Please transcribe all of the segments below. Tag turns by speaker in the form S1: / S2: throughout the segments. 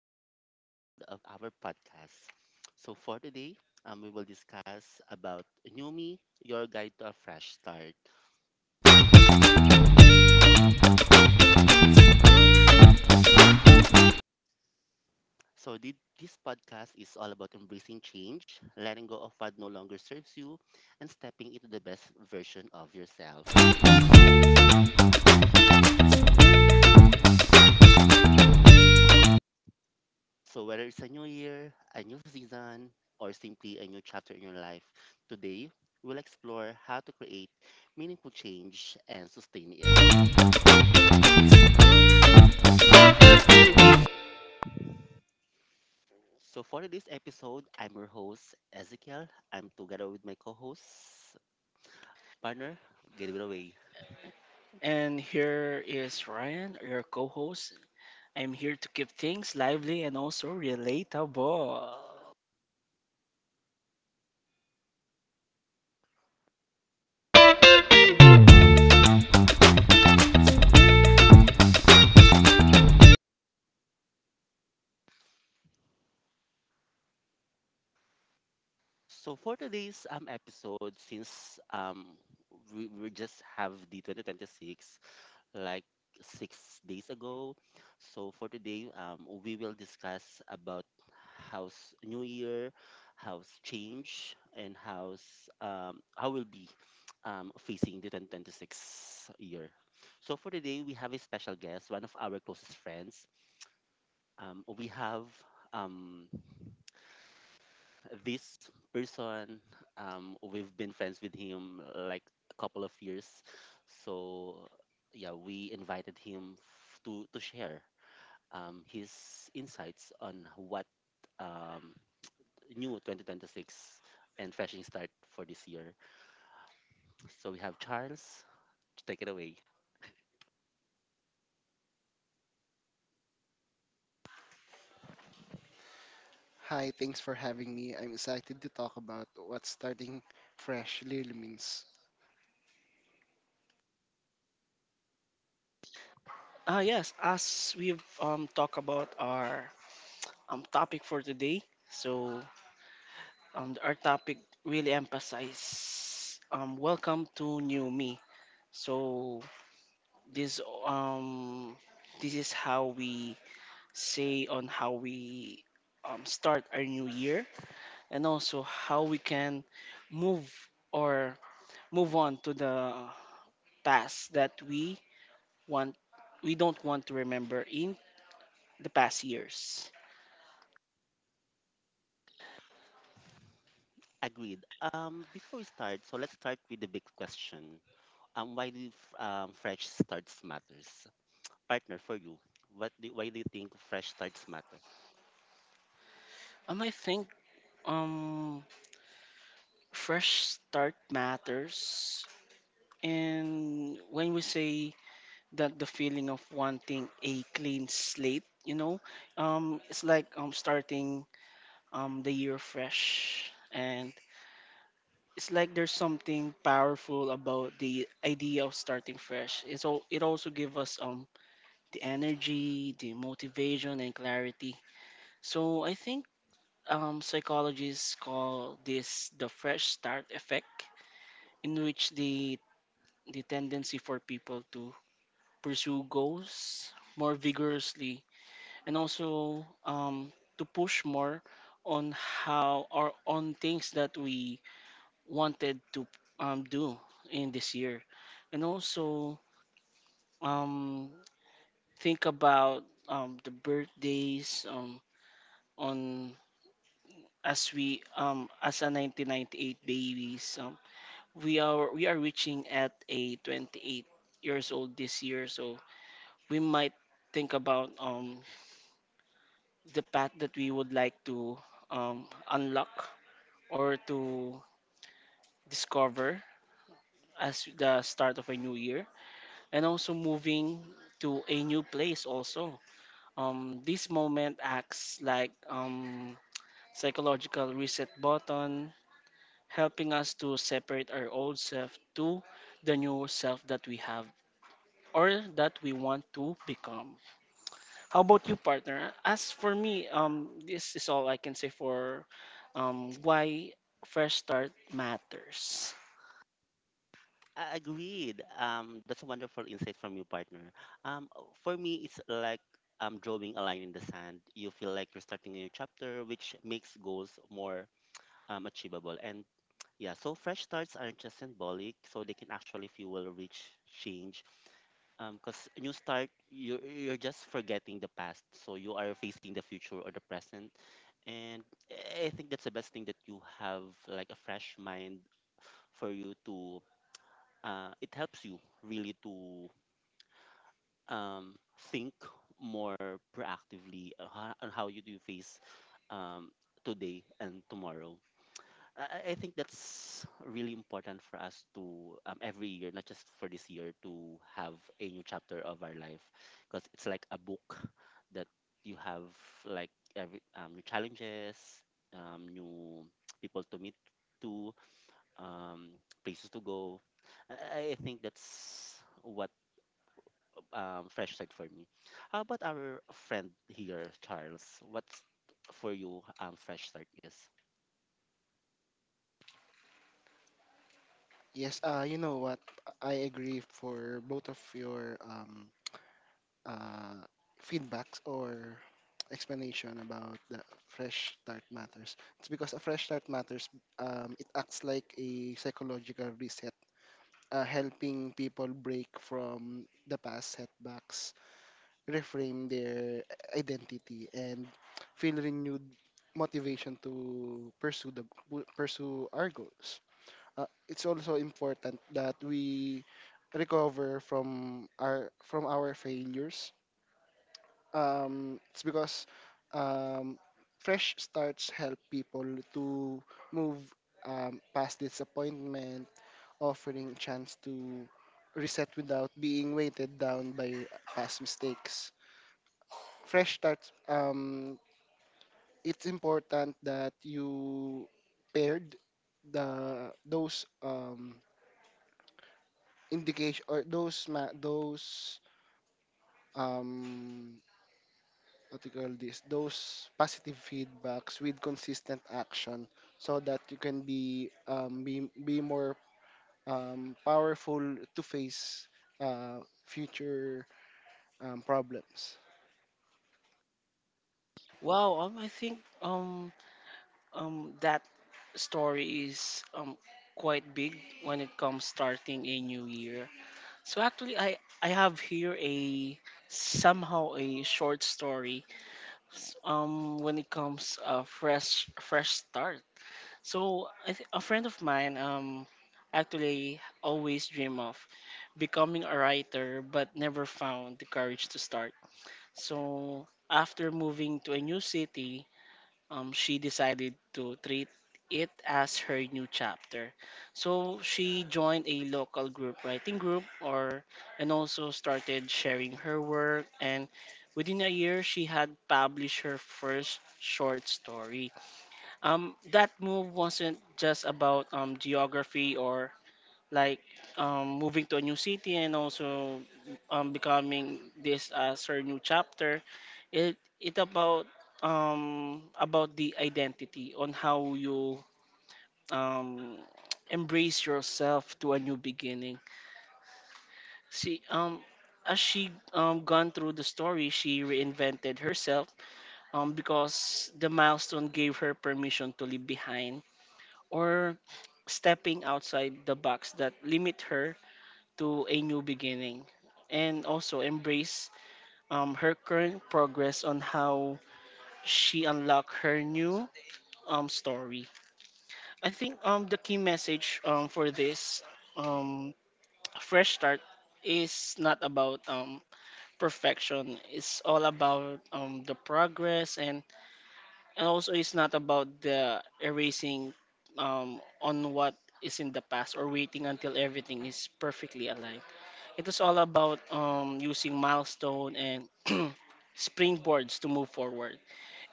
S1: our new episode of our podcast. So for today, we will discuss about New Me, your guide to a fresh start. So this podcast is all about embracing change, letting go of what no longer serves you, and stepping into the best version of yourself. So whether it's a new year, a new season, or simply a new chapter in your life, today we'll explore how to create meaningful change and sustain it. So for this episode, I'm your host Ezekiel. I'm together with my co-host partner Gabriel Way.
S2: And here is Ryan, your co host. I'm here to keep things lively and also relatable.
S1: So for today's episode, since we just have the 2026, like 6 days ago. So for today, we will discuss about how's New Year, how's change, and how's how will be facing the 2026 year. So for today, we have a special guest, one of our closest friends. We have um, this person we've been friends with him like a couple of years, so yeah, we invited him to share his insights on what um new 2026 and freshing start for this year. So we have Charles to take it away.
S3: Hi, thanks for having me. I'm excited to talk about what starting fresh really means.
S2: Yes, as we've talked about our topic for today, so our topic really emphasizes welcome to new me. So this this is how we say on how we start our new year and also how we can move or move on to the past that we want, we don't want to remember in the past years.
S1: Agreed. Before we start, so let's start with the big question. Why do fresh starts matters, partner? For you, why do you think fresh starts matter?
S2: I think um fresh start matters, and when we say that, the feeling of wanting a clean slate, you know, it's like starting the year fresh, and it's like there's something powerful about the idea of starting fresh. It also gives us the energy, the motivation, and clarity. So I think psychologists call this the fresh start effect, in which the tendency for people to pursue goals more vigorously and also to push more on how or on things that we wanted to do in this year, and also um, think about the birthdays on as we as a 1998 babies we are reaching at a 28 years old this year, so we might think about the path that we would like to um unlock or to discover as the start of a new year and also moving to a new place also. This moment acts like psychological reset button, helping us to separate our old self to the new self that we have or that we want to become. How about you, partner? As for me, this is all I can say for why fresh start matters.
S1: Agreed. That's a wonderful insight from you, partner. Um, for me, it's like drawing a line in the sand. You feel like you're starting a new chapter, which makes goals more achievable. And yeah, so fresh starts aren't just symbolic, so they can actually fuel rich change. Because new start, you're just forgetting the past, so you are facing the future or the present. And I think that's the best thing that you have, like a fresh mind for you to it helps you really to um, think more proactively on on how you do face um, today and tomorrow. I think that's really important for us to, every year, not just for this year, to have a new chapter of our life, because it's like a book that you have, like every new challenges, new people to meet to, um, places to go. I think that's what fresh said for me. How about our friend here, Charles? What's for you fresh start is?
S3: Yes, you know what? I agree for both of your uh, feedbacks or explanation about the fresh start matters. It's because a fresh start matters. It acts like a psychological reset, helping people break from the past setbacks reframe their identity and feel renewed motivation to pursue our goals. It's also important that we recover from our failures. It's because um, fresh starts help people to move past disappointment, offering chance to reset without being weighted down by past mistakes fresh starts, it's important that you paired the those indication or those um, what do you call this? Those positive feedbacks with consistent action, so that you can be be more powerful to face uh, future problems.
S2: Wow, I think that story is quite big when it comes starting a new year. So actually, I have here a somehow a short story when it comes fresh start, so a friend of mine actually always dream of becoming a writer but never found the courage to start, so after moving to a new city, she decided to treat it as her new chapter. So she joined a local group writing group or and also started sharing her work, and within a year she had published her first short story. That move wasn't just about geography or like moving to a new city and also becoming this as her new chapter. It about the identity on how you um, embrace yourself to a new beginning. See, as she gone through the story, she reinvented herself, because the milestone gave her permission to leave behind or stepping outside the box that limit her to a new beginning, and also embrace her current progress on how she unlocked her new story. I think the key message for this um, fresh start is not about perfection. It's all about the progress, and also it's not about the erasing on what is in the past or waiting until everything is perfectly aligned. It was all about using milestone and springboards to move forward.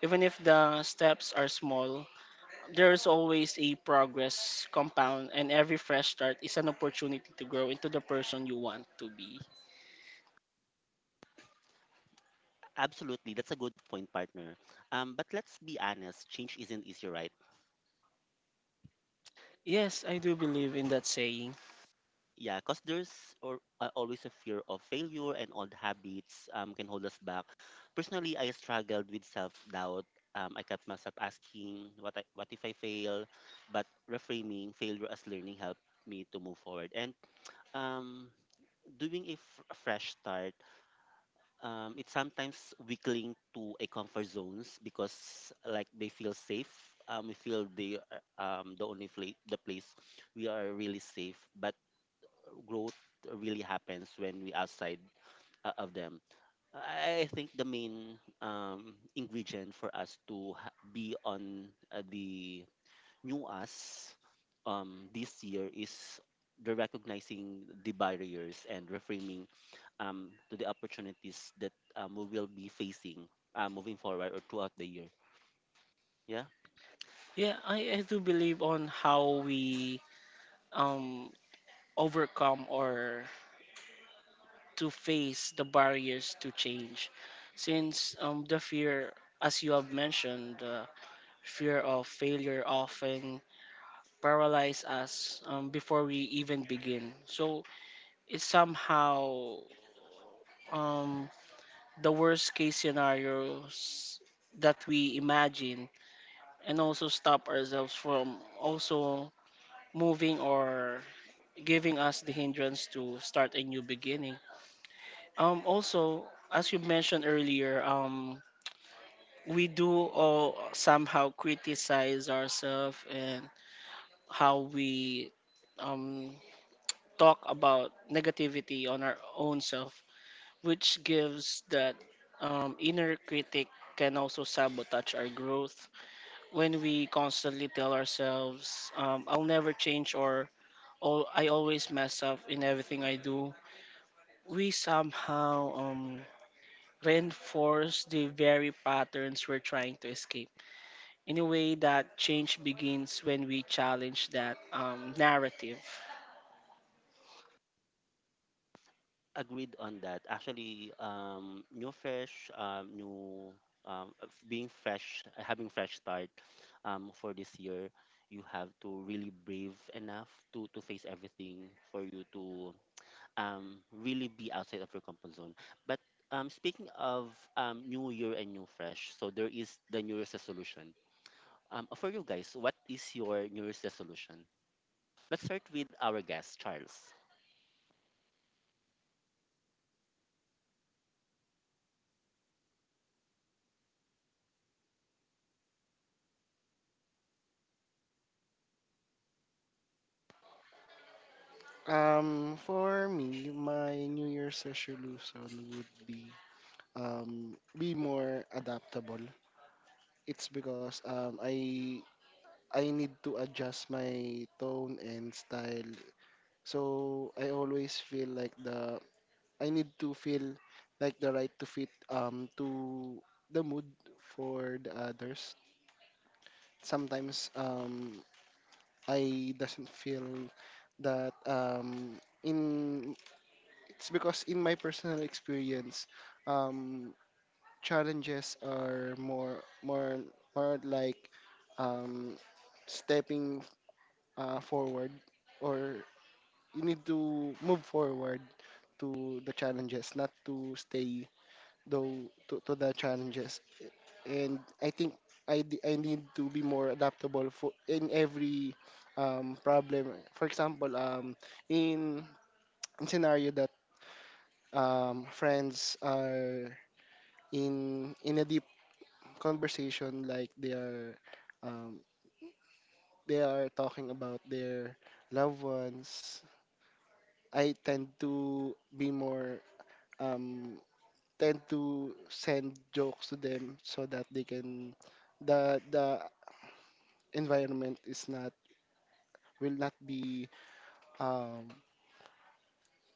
S2: Even if the steps are small, there is always a progress compound, and every fresh start is an opportunity to grow into the person you want to be.
S1: Absolutely, that's a good point, partner. But let's be honest, change isn't easy, right?
S2: Yes, I do believe in that saying.
S1: Yeah, because there's or always a fear of failure, and old habits can hold us back. Personally, I struggled with self-doubt. I kept myself asking what if I fail? But reframing failure as learning helped me to move forward. And um, doing a fresh start, it's sometimes we cling to a comfort zones because like they feel safe. We feel they are the the place we are really safe, but growth really happens when we outside of them. I think the main ingredient for us to be on the new us this year is the recognizing the barriers and reframing to the opportunities that we will be facing, moving forward or throughout the year. Yeah.
S2: Yeah, I do believe on how we um, overcome or to face the barriers to change. Since the fear, as you have mentioned, fear of failure often paralyze us before we even begin. So it's somehow um, the worst case scenarios that we imagine and also stop ourselves from also moving or giving us the hindrance to start a new beginning. Also, as you mentioned earlier, we do all somehow criticize ourselves and how we um, talk about negativity on our own self, which gives that inner critic can also sabotage our growth. When we constantly tell ourselves, I'll never change, or "Oh, I always mess up in everything I do," we somehow reinforce the very patterns we're trying to escape. In a way, that change begins when we challenge that narrative.
S1: Agreed on that. Actually, new fresh, new of being fresh, having fresh start for this year, you have to really brave enough to face everything for you to really be outside of your comfort zone. But speaking of new year and new fresh, so there is the new year's resolution. For you guys, what is your new year's resolution? Let's start with our guest, Charles.
S3: For me, my New Year's resolution would be more adaptable. It's because um, I need to adjust my tone and style. So I always feel like the I need to feel like the right to fit to the mood for the others. Sometimes I doesn't feel that in it's because in my personal experience um, challenges are more more like um, stepping forward or you need to move forward to the challenges not to stay though to the challenges, and I think I need to be more adaptable for in every problem. For example, in, in scenario that friends are in a deep conversation like um, they are talking about their loved ones, I tend to be more um, tend to send jokes to them so that they can the environment is not will not be um,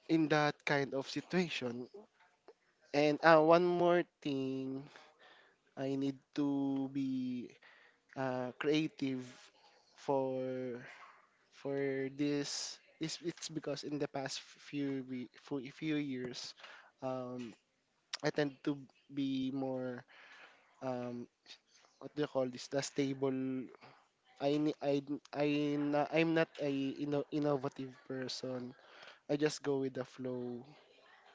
S3: in that kind of situation. And one more thing, I need to be creative for for this. Is it's because in the past few, we for few years um I tend to be more um what do you call this, the stable. I ni- I na- I'm not a innovative person. I just go with the flow.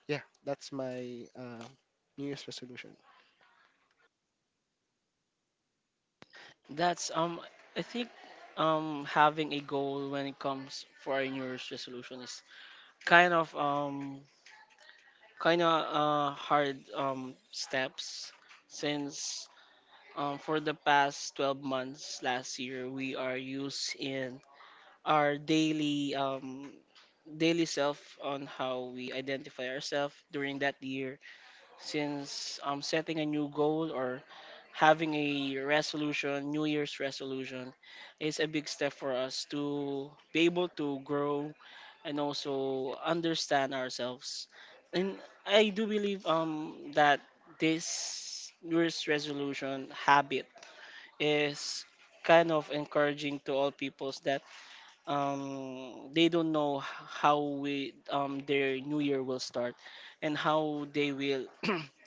S3: Yeah, that's my New Year's resolution.
S2: That's I think having a goal when it comes for a New Year's resolution is kind of um kind of hard steps, since for the past 12 months last year we are used in our daily daily self on how we identify ourselves during that year, since setting a new goal or having a resolution, New Year's resolution, is a big step for us to be able to grow and also understand ourselves. And I do believe that this New Year's resolution habit is kind of encouraging to all peoples that they don't know how we their new year will start and how they will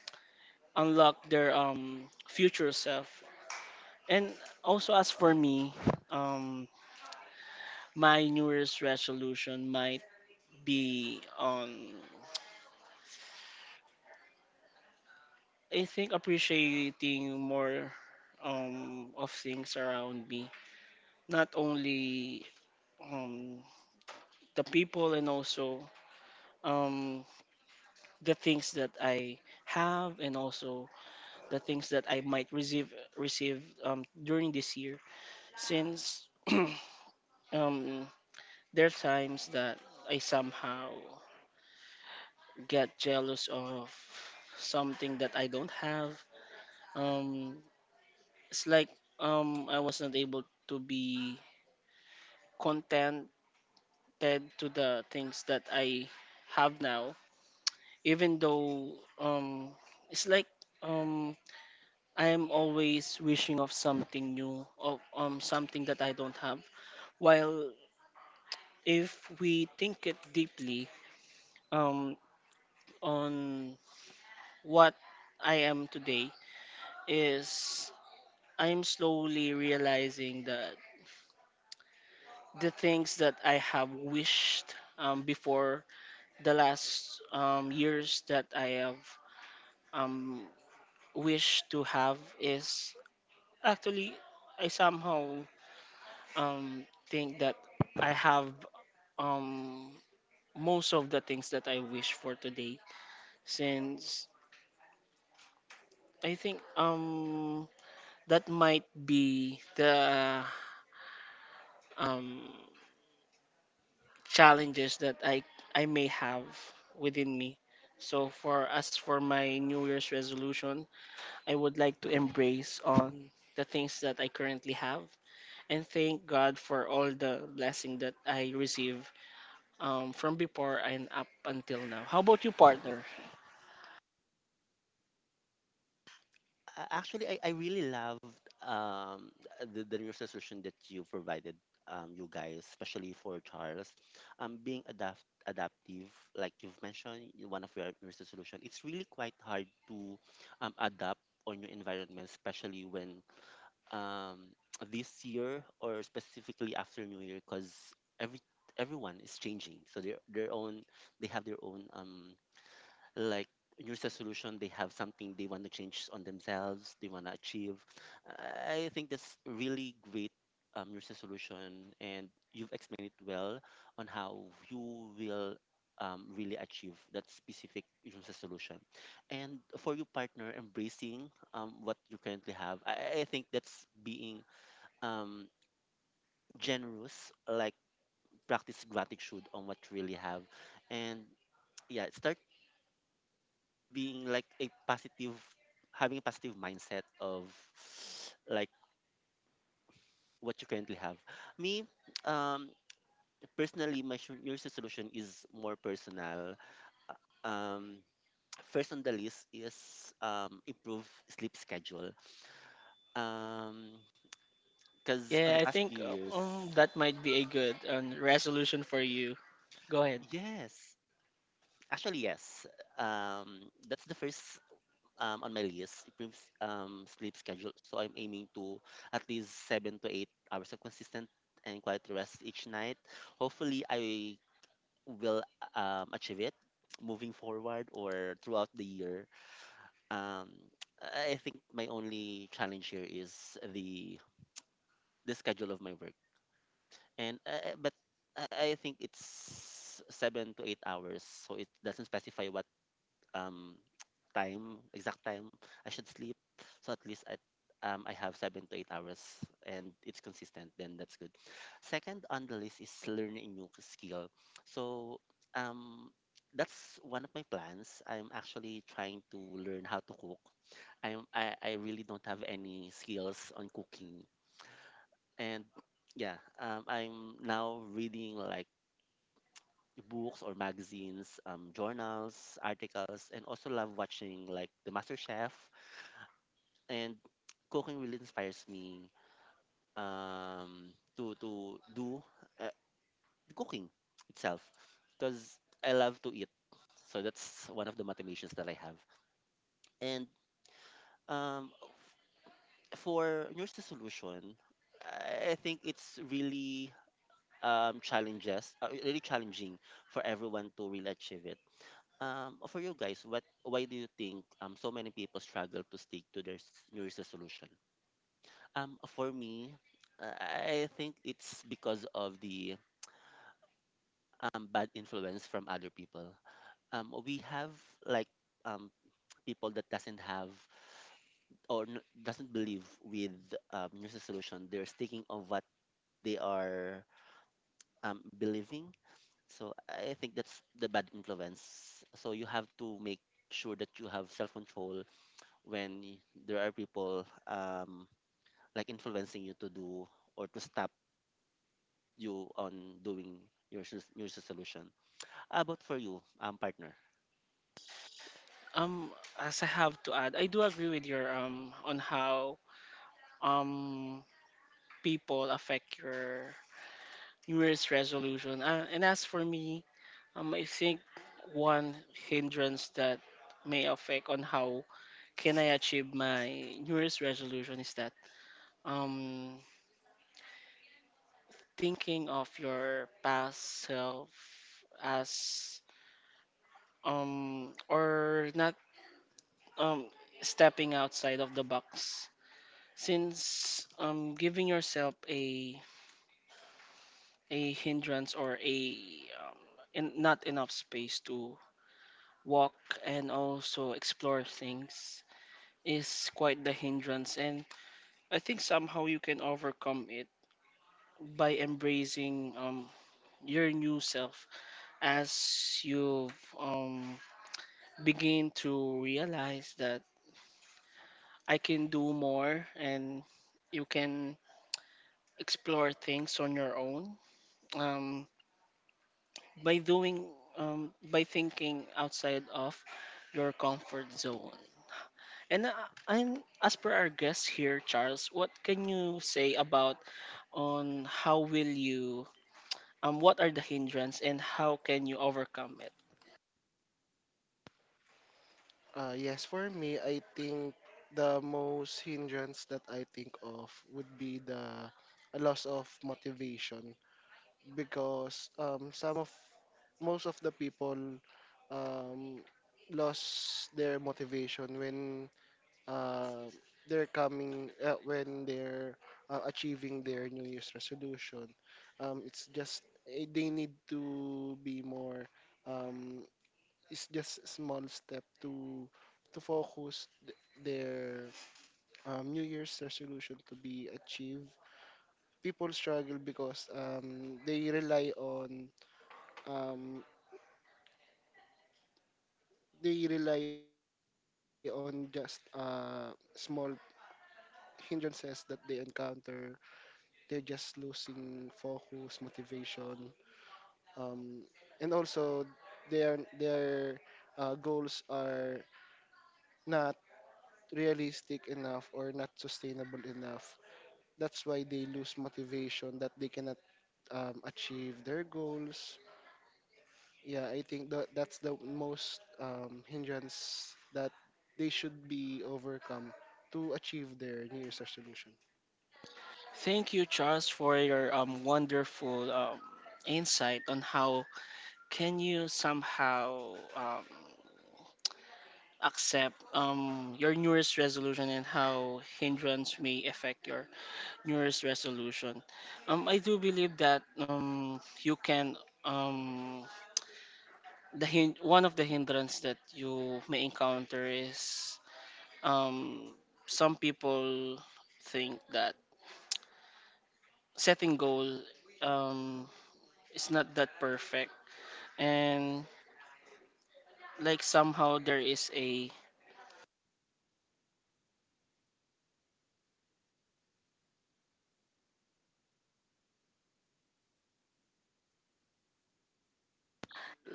S2: unlock their future self. And also as for me, um my New Year's resolution might be on, I think, appreciating more of things around me. Not only um the people and also um the things that I have and also the things that I might receive during this year, since um there are times that I somehow get jealous of something that I don't have. Um, it's like I was not able to be contented to the things that I have now, even though it's like um, I'm always wishing of something new, of something that I don't have. While if we think it deeply, um, on what I am today, is I'm slowly realizing that the things that I have wished before, the last years that I have um, wished to have is actually, I somehow um, think that I have um, most of the things that I wish for today, since I think that might be the um, challenges that I may have within me. So for as for my New Year's resolution, I would like to embrace on the things that I currently have and thank God for all the blessing that I receive from before and up until now. How about you, partner?
S1: Actually, I really loved um the new solution that you provided, you guys, especially for Charles. Being adaptive, like you've mentioned in one of your new solution, it's really quite hard to adapt on your environment, especially when um this year or specifically after new year, because every everyone is changing, so their own, they have their own like new solution, they have something they want to change on themselves, they want to achieve. I think that's really great, new solution, and you've explained it well on how you will really achieve that specific new solution. And for your partner, embracing what you currently have, I think that's being um, generous, like practice gratitude on what you really have, and yeah, start being like a positive, having a positive mindset of like what you currently have. Me, um personally, my new Year's resolution is more personal. um first on the list is improve sleep schedule, um because on
S2: Yeah,
S1: the
S2: I
S1: past few
S2: think
S1: years.
S2: uh, um, that might be a good resolution for you. Go ahead.
S1: Yes, actually yes, that's the first on my list, improves sleep schedule. So I'm aiming to at least 7 to 8 hours of consistent and quiet rest each night. Hopefully, I will achieve it moving forward or throughout the year. Um, I think my only challenge here is the the schedule of my work, and but I think it's 7 to 8 hours, so it doesn't specify what um time, exact time, I should sleep. So at least at, I have 7 to 8 hours and it's consistent, then that's good. Second on the list is learning a new skill. So um that's one of my plans. I'm actually trying to learn how to cook. I'm I really don't have any skills on cooking. And yeah, I'm now reading like books or magazines, journals, articles, and also love watching like the Master Chef. And cooking really inspires me to do uh, cooking itself, because I love to eat. So that's one of the motivations that I have. And um, for New Year's resolution, I think it's really really challenging for everyone to really achieve it. For you guys, what why do you think so many people struggle to stick to their New Year's resolution? For me, I think it's because of the bad influence from other people. We have like um people that doesn't have or doesn't believe with New Year's resolution. They're sticking on what they are believing. So I think that's the bad influence. So you have to make sure that you have self control when there are people like influencing you to do or to stop you on doing your your solution. How about for you, partner?
S2: Um, as I have to add, I do agree with your on how um people affect your New Year's resolution. And as for me, I think one hindrance that may affect on how can I achieve my New Year's resolution is that um, thinking of your past self as or not um stepping outside of the box, since giving yourself a hindrance or a um, not enough space to walk and also explore things is quite the hindrance, and I think somehow you can overcome it by embracing your new self, as you've um, begin to realize that I can do more, and you can explore things on your own um, by doing by thinking outside of your comfort zone. And and as per our guest here, Charles, what can you say about on how will you what are the hindrance and how can you overcome it?
S3: Yes, for me, I think the most hindrance that I think of would be the a loss of motivation, because some of most of the people um, lost their motivation when uh, they're coming when they're achieving their New Year's resolution. It's just they need to be more um, it's just a small step to focus their New Year's resolution to be achieved. People struggle because um, they rely on just small hindrances that they encounter. They're just losing focus, motivation, um, and also their goals are not realistic enough or not sustainable enough. That's why they lose motivation, that they cannot achieve their goals. Yeah, I think that that's the most hindrance that they should be overcome to achieve their New Year's resolution.
S2: Thank you, Charles, for your wonderful insight on how can you somehow accept your newest resolution and how hindrance may affect your newest resolution. I do believe that you can um one of the hindrance that you may encounter is um, some people think that setting goal um, is not that perfect, and like somehow there is a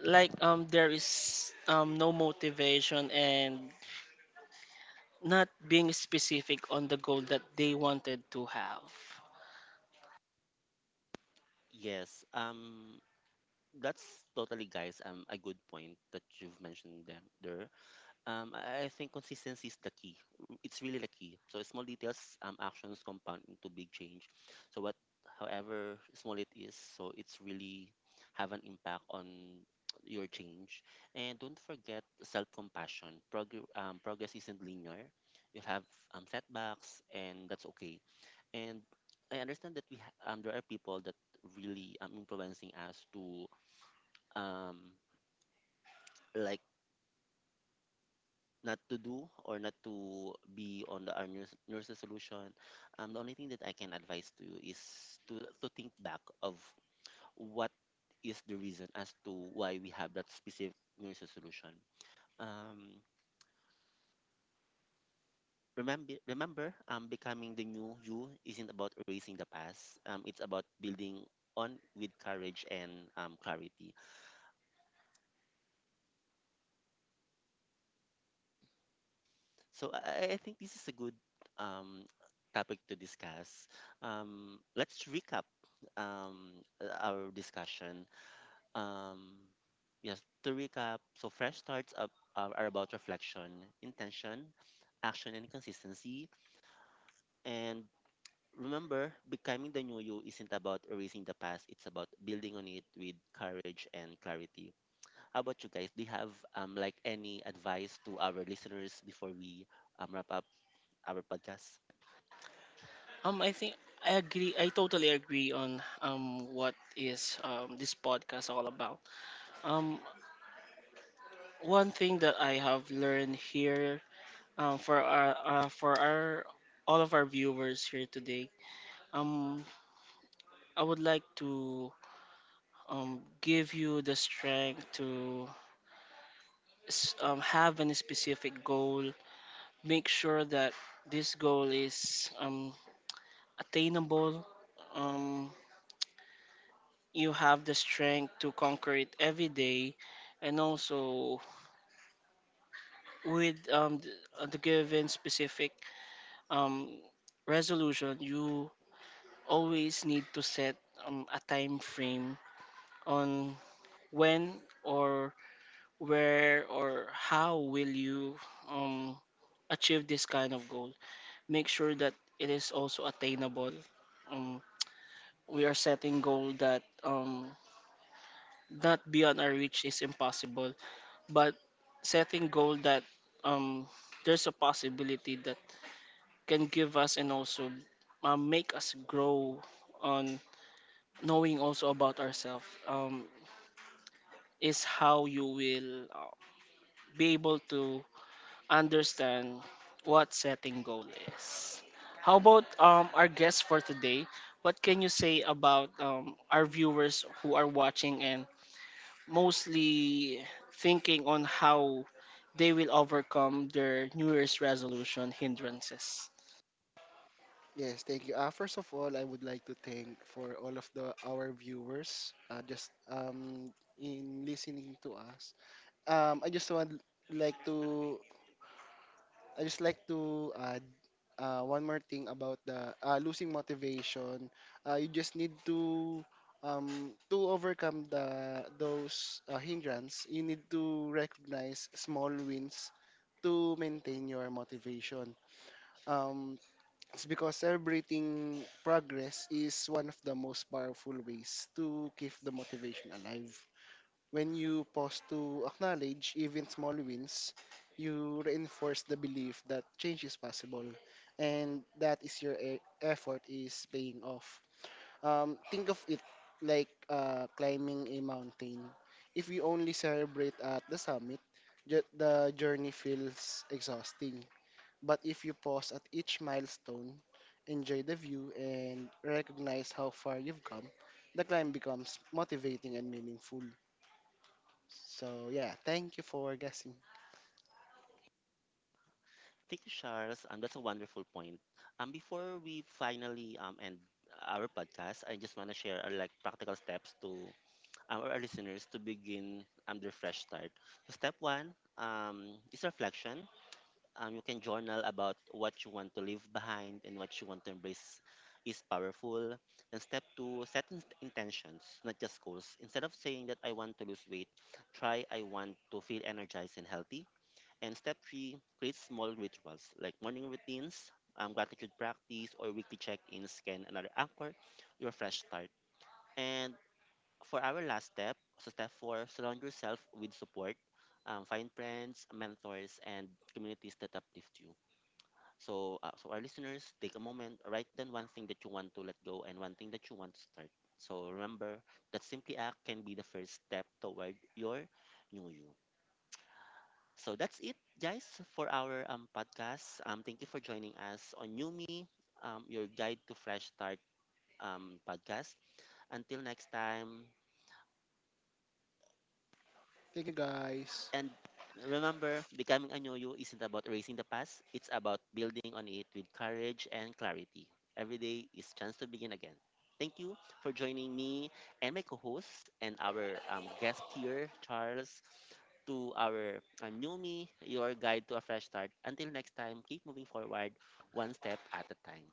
S2: there is no motivation and not being specific on the goal that they wanted to have.
S1: Yes, that's totally, guys. A good point that you've mentioned them there. I think consistency is the key. Mm, it's really the key. So small details, actions compound into big change. So what, however small it is, so it's really have an impact on your change. And don't forget self-compassion. Progress isn't linear. You'll have setbacks, and that's okay. And I understand that there are people that really influencing us to um, like not to do or not to be on the our nurse, nurse resolution. The only thing that I can advise to you is to think back of what is the reason as to why we have that specific nurse resolution. Um, remember, becoming the new you isn't about erasing the past. It's about building on with courage and clarity. So I think this is a good um, topic to discuss. Let's recap, our discussion. Um, yes, to recap, so fresh starts up, are about reflection, intention, action, and consistency. And remember, becoming the new you isn't about erasing the past, it's about building on it with courage and clarity. How about you guys? Do you have like any advice to our listeners before we wrap up our podcast?
S2: Um i think i agree I totally agree on what is this podcast all about. um One thing that I have learned here, for our all of our viewers here today, um, I would like to give you the strength to have any specific goal. Make sure that this goal is attainable. Um, you have the strength to conquer it every day, and also with the given specific um, resolution, you always need to set a time frame on when or where or how will you um, achieve this kind of goal. Make sure that it is also attainable. Um, we are setting goal that not beyond our reach is impossible, but setting goal that um, there's a possibility that can give us and also make us grow on knowing also about ourselves. Is how you will be able to understand what setting goal is. How about our guest for today? What can you say about our viewers who are watching and mostly thinking on how they will overcome their New Year's resolution hindrances?
S3: Yes, thank you. First of all, I would like to thank for all of the our viewers just in listening to us. um, i just would like to I just like to add one more thing about the losing motivation. You just need to overcome the those hindrance. You need to recognize small wins to maintain your motivation. Um, it's because celebrating progress is one of the most powerful ways to keep the motivation alive. When you pause to acknowledge even small wins, you reinforce the belief that change is possible and that is your effort is paying off. Think of it like climbing a mountain. If we only celebrate at the summit, the journey feels exhausting. But if you pause at each milestone, enjoy the view, and recognize how far you've come, the climb becomes motivating and meaningful. So yeah, thank you for guessing.
S1: Thank you, Charles. That's a wonderful point. Before we finally end our podcast, I just want to share, like practical steps to our listeners to begin their fresh start. So step one is reflection. You can journal about what you want to leave behind and what you want to embrace is powerful. And step two, set intentions, not just goals. Instead of saying that I want to lose weight, try I want to feel energized and healthy. And step three, create small rituals like morning routines, gratitude practice, or weekly check ins can another anchor your fresh start. And for our last step, so step four, surround yourself with support. Find friends, mentors, and communities that uplift you. So, so our listeners, take a moment, write down one thing that you want to let go and one thing that you want to start. So remember that simply act can be the first step toward your new you. So that's it, guys, for our podcast. Thank you for joining us on Yumi, your guide to fresh start podcast. Until next time,
S3: Thank you, guys.
S1: and remember, becoming a yo isn't about erasing the past. It's about building on it with courage and clarity. Every day is chance to begin again. Thank you for joining me and my co-host and our guest here, Charles, to our new me, your guide to a fresh start. Until next time, keep moving forward one step at a time.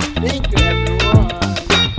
S2: Thank you, everyone.